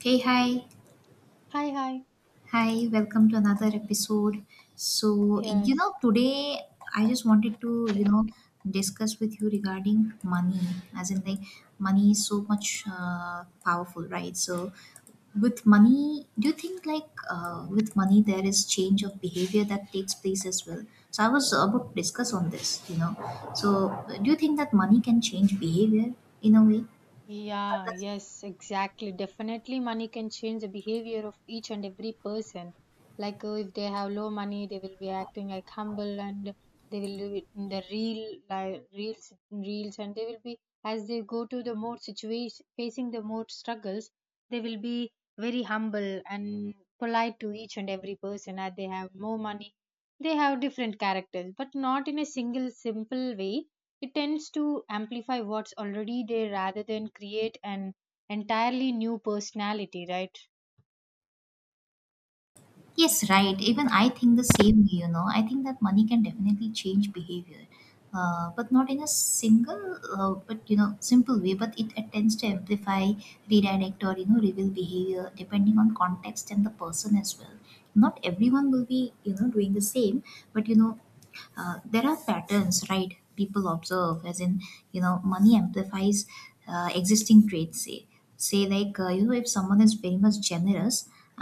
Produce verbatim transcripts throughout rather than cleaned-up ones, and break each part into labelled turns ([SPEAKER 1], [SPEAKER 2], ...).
[SPEAKER 1] Hey, hi.
[SPEAKER 2] Hi, hi.
[SPEAKER 1] Hi, welcome to another episode. So, you
[SPEAKER 2] Yes.
[SPEAKER 1] know, today I just wanted to, you know,
[SPEAKER 2] Thank-
[SPEAKER 1] discuss with you regarding money. As in, like, money is so much uh, powerful, right? So, with money, do you think, like, uh, with money, there is change of behavior that takes place as well? So, I was about to discuss on this, you know. So, do you think that money can change behavior in a way?
[SPEAKER 2] Yeah, yes, exactly. Definitely, money can change the behavior of each and every person. Like, uh, if they have low money, they will be acting like humble and they will do it in the real, like, reels, reels, and they will be, as they go to the more situation, facing the more struggles, they will be very humble and polite to each and every person. As they have more money, they have different characters, but not in a single, simple way it tends to amplify what's already there rather than create an entirely new personality, right?
[SPEAKER 1] Yes, right.
[SPEAKER 2] Yeah.
[SPEAKER 1] Even I think the same, you know. I think that money can definitely change behavior, uh, but not in a single, uh, but you know, simple way. But it uh, tends to amplify, redirect, or you know, reveal behavior depending on context and the person as well. Not everyone will be, you know, doing the same, but you know, uh, there are patterns, right? People observe, as in, you know, money amplifies uh, existing traits. Say say like, uh, you know, if someone is very much generous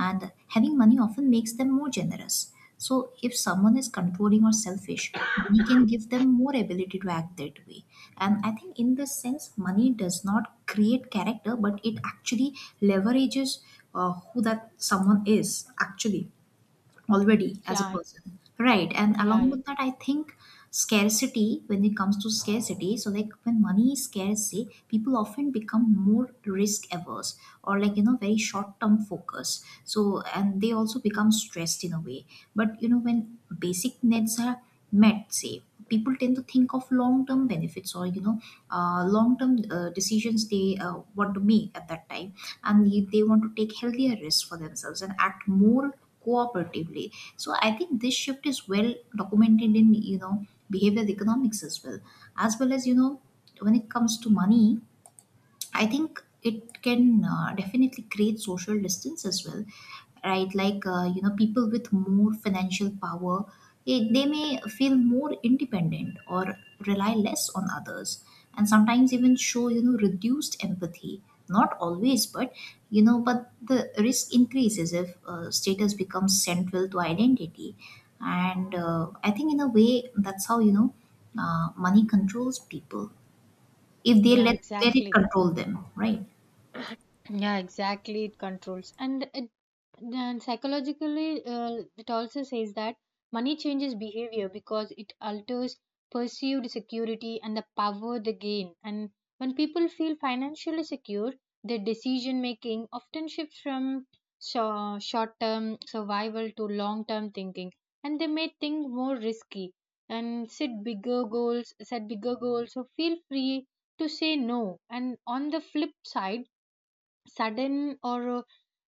[SPEAKER 1] and having money often makes them more generous. So if someone is controlling or selfish, money can give them more ability to act that way. And I think in this sense, money does not create character, but it actually leverages uh, who that someone is actually already as a
[SPEAKER 2] Yeah,
[SPEAKER 1] person, right? And along
[SPEAKER 2] yeah,
[SPEAKER 1] with that, I think scarcity, when it comes to scarcity, so like when money is scarcity, people often become more risk averse, or like, you know, very short term focus. So and they also become stressed in a way. But you know, when basic needs are met, say, people tend to think of long-term benefits, or you know, uh, long-term uh, decisions they uh, want to make at that time. And they they want to take healthier risks for themselves and act more cooperatively. So I think this shift is well documented in, you know, behavioral economics as well, as well as, you know, when it comes to money, I think it can uh, definitely create social distance as well, right? Like, uh, you know, people with more financial power, eh, they may feel more independent or rely less on others, and sometimes even show, you know, reduced empathy. Not always, but, you know, but the risk increases if uh, status becomes central to identity. And uh, I think, in a way, that's how, you know, uh, money controls people if they
[SPEAKER 2] yeah,
[SPEAKER 1] let, let it
[SPEAKER 2] exactly.
[SPEAKER 1] control them, right?
[SPEAKER 2] Yeah, exactly, it controls and it then psychologically, uh, it also says that money changes behavior because it alters perceived security and the power they gain. And when people feel financially secure, their decision making often shifts from short term survival to long term thinking, and they may think more risky and set bigger goals set bigger goals, so feel free to say no. And on the flip side, sudden or uh,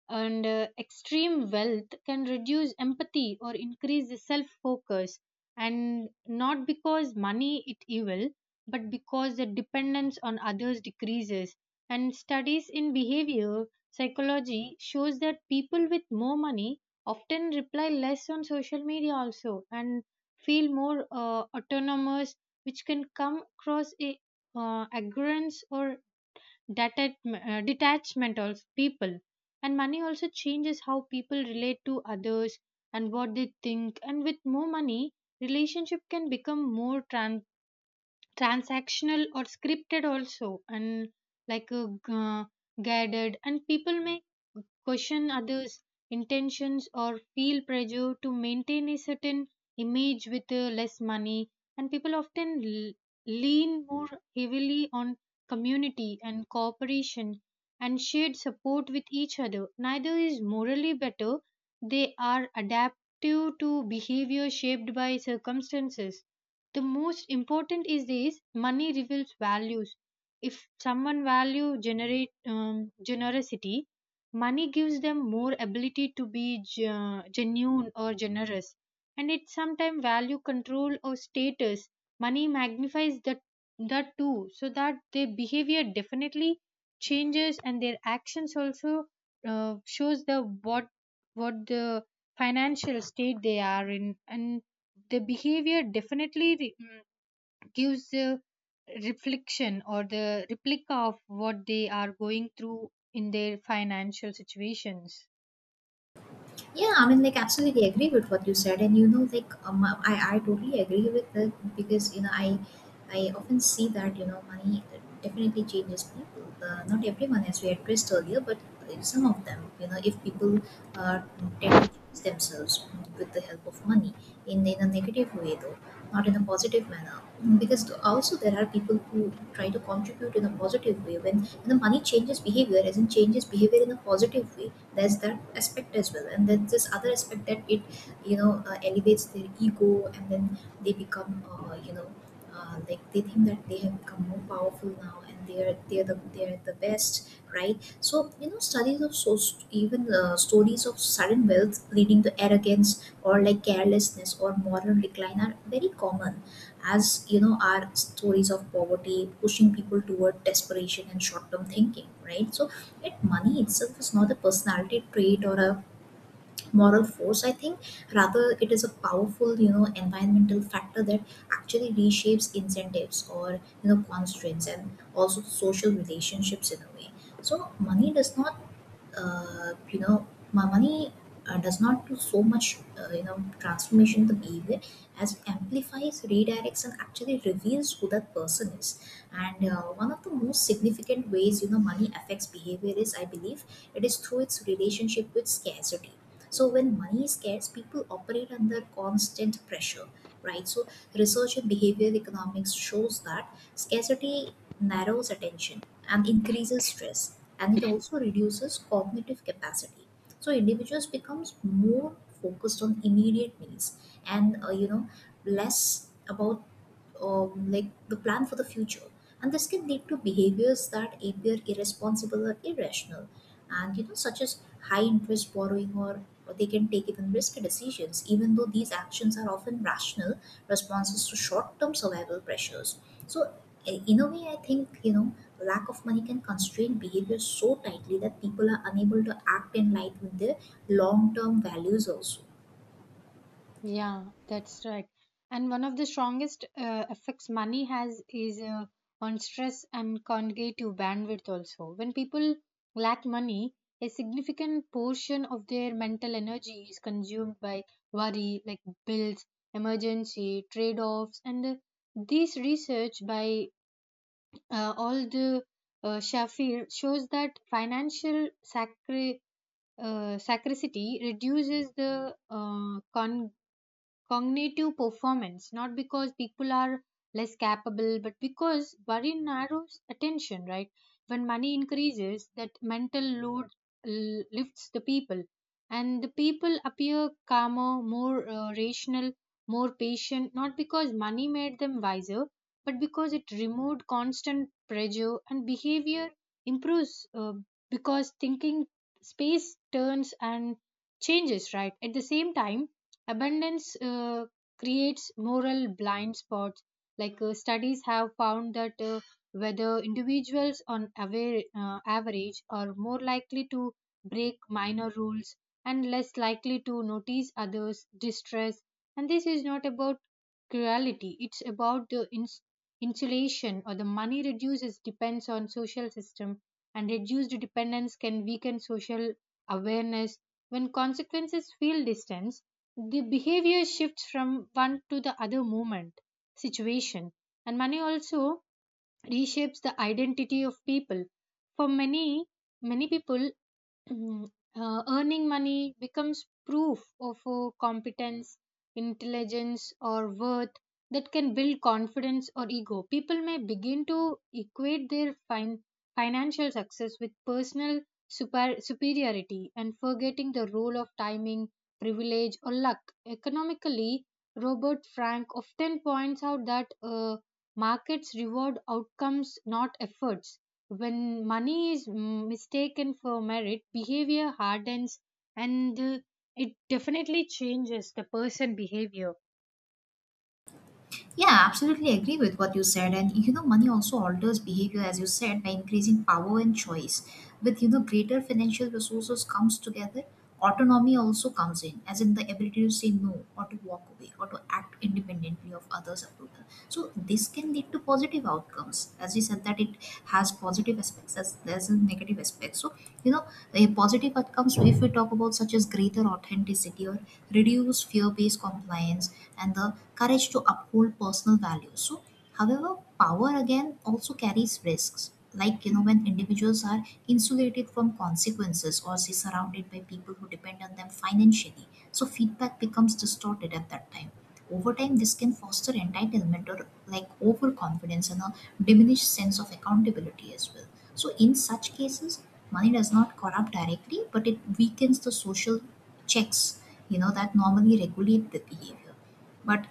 [SPEAKER 2] and uh, extreme wealth can reduce empathy or increase the self focus, and not because money it evil, but because the dependence on others decreases. And studies in behavior psychology shows that people with more money often reply less on social media also, and feel more uh, autonomous, which can come across a, uh, arrogance or detach- uh, detachment of people. And money also changes how people relate to others and what they think. And with more money, relationship can become more trans transactional or scripted also, and like, uh, g- uh, guided, and people may question others intentions or feel pressure to maintain a certain image. With uh, less money, and people often l- lean more heavily on community and cooperation and shared support with each other. Neither is morally better, they are adaptive to behavior shaped by circumstances. The most important is this: money reveals values. If someone value generate um, generosity, money gives them more ability to be ge- genuine or generous. And it sometimes value control or status, money magnifies that that too, so that their behavior definitely changes, and their actions also, uh, shows the, what what the financial state they are in. And the behavior definitely re- mm, gives a reflection or the replica of what they are going through in their financial situations.
[SPEAKER 1] Yeah, I mean, like, absolutely agree with what you said, and you know, like, um, I I totally agree with that because you know, I I often see that you know, money definitely changes people. Uh, not everyone, as we addressed earlier, but some of them, you know, if people uh, tend to change themselves with the help of money in in a negative way, though, not in a positive manner, because also there are people who try to contribute in a positive way when, you know, money changes behavior, as in changes behavior in a positive way. There's that aspect as well, and there's this other aspect that it, you know, uh, elevates their ego, and then they become, uh, you know, uh, like, they think that they have become more powerful now, and they are they are the they are the best, right? So you know, studies of, so even uh, stories of sudden wealth leading to arrogance, or like carelessness or moral decline are very common, as you know are stories of poverty pushing people toward desperation and short term thinking, right? So yet money itself is not a personality trait or a moral force, I think. Rather, it is a powerful, you know, environmental factor that actually reshapes incentives, or you know, constraints and also social relationships in a way. So money does not, uh, you know my money uh, does not do so much, uh, you know, transformation in the behavior, as it amplifies, redirects, and actually reveals who that person is. And uh, one of the most significant ways, you know, money affects behavior is, I believe, it is through its relationship with scarcity. So when money is scarce, people operate under constant pressure, right? So research in behavioral economics shows that scarcity narrows attention, and increases stress, and it also reduces cognitive capacity. So individuals becomes more focused on immediate needs, and uh, you know, less about, um, like, the plan for the future. And this can lead to behaviors that appear irresponsible or irrational, and you know, such as high interest borrowing, or, or they can take even risky decisions, even though these actions are often rational responses to short-term survival pressures. So i- in a way, I think, you know, lack of money can constrain behavior so tightly that people are unable to act in line with their long-term values also.
[SPEAKER 2] Yeah, that's right. And one of the strongest uh, effects money has is uh, on stress and cognitive bandwidth also. When people lack money, a significant portion of their mental energy is consumed by worry, like bills, emergency, trade-offs, and, uh, this research by, uh, all the uh, Shafir shows that financial sacri- uh, sacrificity reduces the, uh, con- cognitive performance, not because people are less capable, but because worry narrows attention, right? When money increases, that mental load l- lifts the people, and the people appear calmer, more uh, rational, more patient, not because money made them wiser, but because it removed constant pressure. And behavior improves, uh, because thinking space turns and changes, right? At the same time, abundance uh, creates moral blind spots. Like uh, studies have found that, uh, whether individuals on aver- uh, average are more likely to break minor rules and less likely to notice others' distress. And this is not about cruelty, it's about the ins- insulation, or the money reduces depends on social system, and reduced dependence can weaken social awareness. When consequences feel distant, the behavior shifts from one to the other moment, situation. And money also reshapes the identity of people. For many, many people, Mm, uh, earning money becomes proof of uh, competence, intelligence, or worth that can build confidence or ego. People may begin to equate their fin- financial success with personal super- superiority, and forgetting the role of timing, privilege, or luck. Economically, Robert Frank often points out that, uh, markets reward outcomes, not efforts. When money is mm, mistaken for merit, behavior hardens, and, uh, it definitely changes the person behavior.
[SPEAKER 1] Yeah, absolutely agree with what you said. And you know, money also alters behavior, as you said, by increasing power and choice. With, you know, greater financial resources comes together, autonomy also comes in, as in the ability to say no or to walk away or to act independently of others' approval. So this can lead to positive outcomes. As we said that it has positive aspects as there's a negative aspect. So, you know, the positive outcomes if we talk about, such as greater authenticity or reduced fear-based compliance and the courage to uphold personal values. So, however, power again also carries risks. Like you know, when individuals are insulated from consequences or say surrounded by people who depend on them financially, so feedback becomes distorted at that time. Over time, this can foster entitlement or like overconfidence and a diminished sense of accountability as well. So, in such cases, money does not corrupt directly, but it weakens the social checks, you know, that normally regulate the behavior. But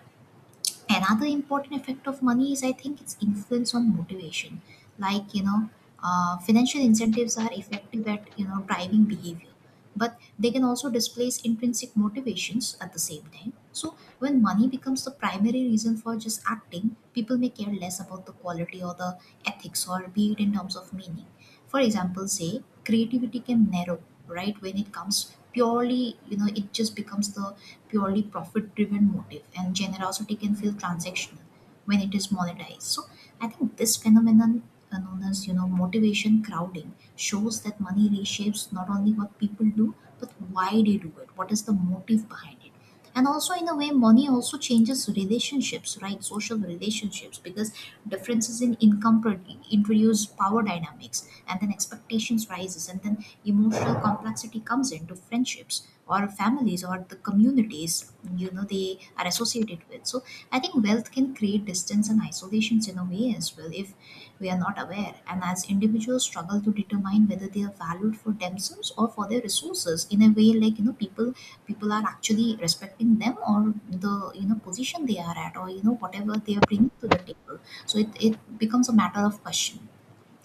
[SPEAKER 1] another important effect of money is, I think, its influence on motivation. Like, you know, uh, financial incentives are effective at, you know, driving behavior, but they can also displace intrinsic motivations at the same time. So, when money becomes the primary reason for just acting, people may care less about the quality or the ethics, or be it in terms of meaning. For example, say creativity can narrow, right? When it comes purely, you know, it just becomes the purely profit driven motive, and generosity can feel transactional when it is monetized. So I think this phenomenon, uh, known as, you know, motivation crowding, shows that money reshapes not only what people do but why they do it, what is the motive behind it. And also in a way, money also changes relationships, right? Social relationships, because differences in income pro- introduce power dynamics, and then expectations rises, and then emotional complexity comes into friendships or families or the communities, you know, they are associated with. So I think wealth can create distance and isolations in a way as well, if we are not aware, and as individuals struggle to determine whether they are valued for themselves or for their resources in a way, like you know, people people are actually respecting them, or the, you know, position they are at, or you know, whatever they are bringing to the table. So it, it becomes a matter of question.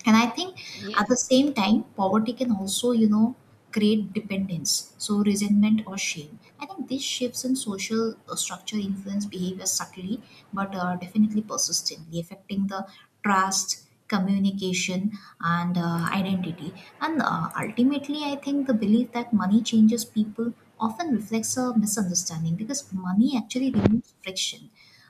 [SPEAKER 1] And I think at
[SPEAKER 2] Yes.
[SPEAKER 1] the same time poverty can also, you know, create dependence, so resentment or shame. I think these shifts in social uh, structure influence behavior subtly but uh, definitely persistently, affecting the trust, communication, and uh, identity. And uh, ultimately, I think the belief that money changes people often reflects a misunderstanding, because money actually removes friction,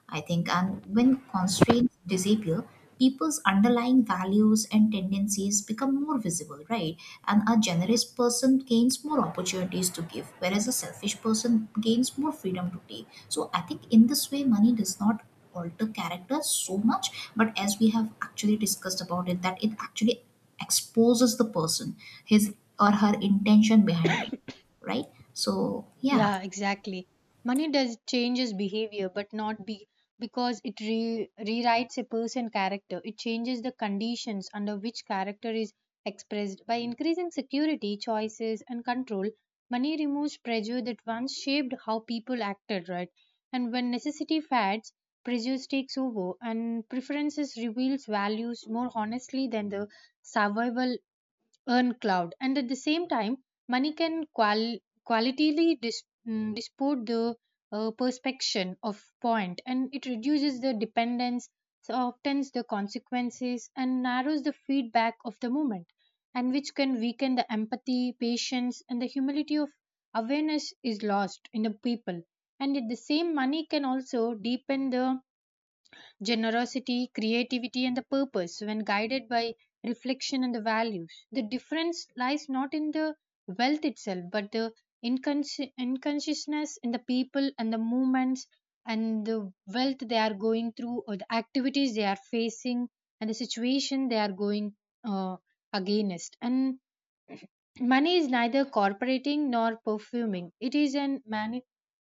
[SPEAKER 1] I think, and when constraints disappear, people's underlying values and tendencies become more visible, right? And a generous person gains more opportunities to give, whereas a selfish person gains more freedom to take. So I think in this way, money does not alter character so much, but as we have actually discussed about it, that it actually exposes the person, his or her intention behind it, right? So yeah,
[SPEAKER 2] Yeah, exactly. Money does changes behavior, but not be because it re- rewrites a person character. It changes the conditions under which character is expressed. By increasing security, choices, and control, money removes pressure that once shaped how people acted, right? And when necessity fades, prejudice takes over, and preferences reveals values more honestly than the survival earn cloud. And at the same time, money can qual- qualitatively dis- mm, dispute the, uh, perspection of point. And it reduces the dependence, softens the consequences, and narrows the feedback of the moment, and which can weaken the empathy, patience, and the humility of awareness is lost in the people. And at the same, money can also deepen the generosity, creativity, and the purpose when guided by reflection and the values. The difference lies not in the wealth itself, but the incons- inconsciousness in the people and the movements and the wealth they are going through, or the activities they are facing, and the situation they are going, uh, against. And money is neither corporating nor perfuming. It is an mani-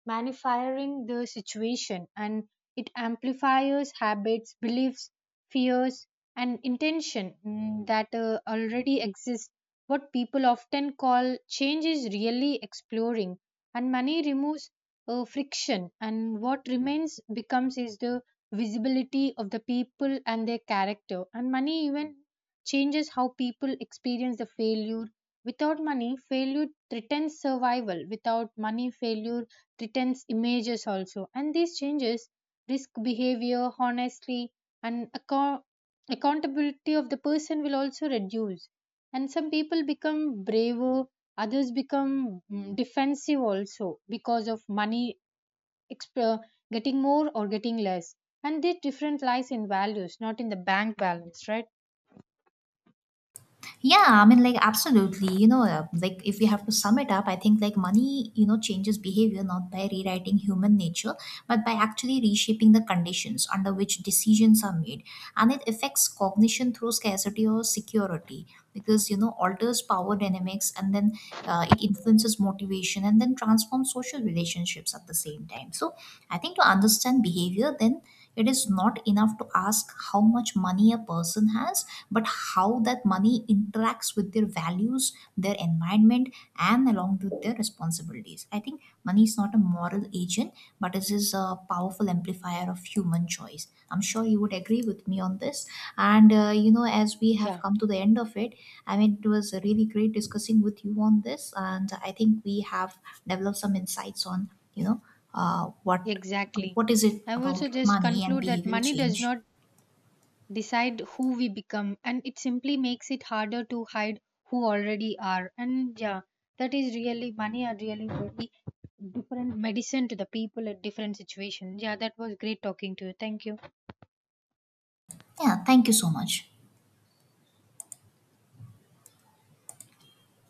[SPEAKER 2] magnifying the situation, and it amplifies habits, beliefs, fears, and intention, mm, that uh, already exist. What people often call change is really exploring, and money removes uh, friction, and what remains becomes is the visibility of the people and their character. And money even changes how people experience the failure. Without money, failure threatens survival. Without money, failure threatens images also. And these changes risk behavior, honestly, and account- accountability of the person will also reduce. And some people become braver, others become mm, defensive also, because of money exp- uh, getting more or getting less. And this difference lies in values, not in the bank balance, right?
[SPEAKER 1] yeah, I mean, like, absolutely. You know, uh, like, if we have to sum it up, I think, like, money, you know, changes behavior not by rewriting human nature, but by actually reshaping the conditions under which decisions are made. And it affects cognition through scarcity or security because, you know, alters power dynamics, and then uh, it influences motivation and then transforms social relationships at the same time. So, I think to understand behavior, then it is not enough to ask how much money a person has, but how that money interacts with their values, their environment, and along with their responsibilities. I think money is not a moral agent, but it is a powerful amplifier of human choice. I'm sure you would agree with me on this. And, uh, you know, as we have
[SPEAKER 2] Yeah.
[SPEAKER 1] come to the end of it, I mean, it was really great discussing with you on this. And I think we have developed some insights on, you know, uh, what
[SPEAKER 2] Exactly.
[SPEAKER 1] what is it
[SPEAKER 2] I will
[SPEAKER 1] about
[SPEAKER 2] also just
[SPEAKER 1] money and
[SPEAKER 2] conclude that
[SPEAKER 1] behavioral
[SPEAKER 2] money does
[SPEAKER 1] change.
[SPEAKER 2] not decide who we become, and it simply makes it harder to hide who already are. And yeah, that is really money are really very different medicine to the people at different situations. Yeah, that was great talking to you. Thank you.
[SPEAKER 1] Yeah, thank you so much.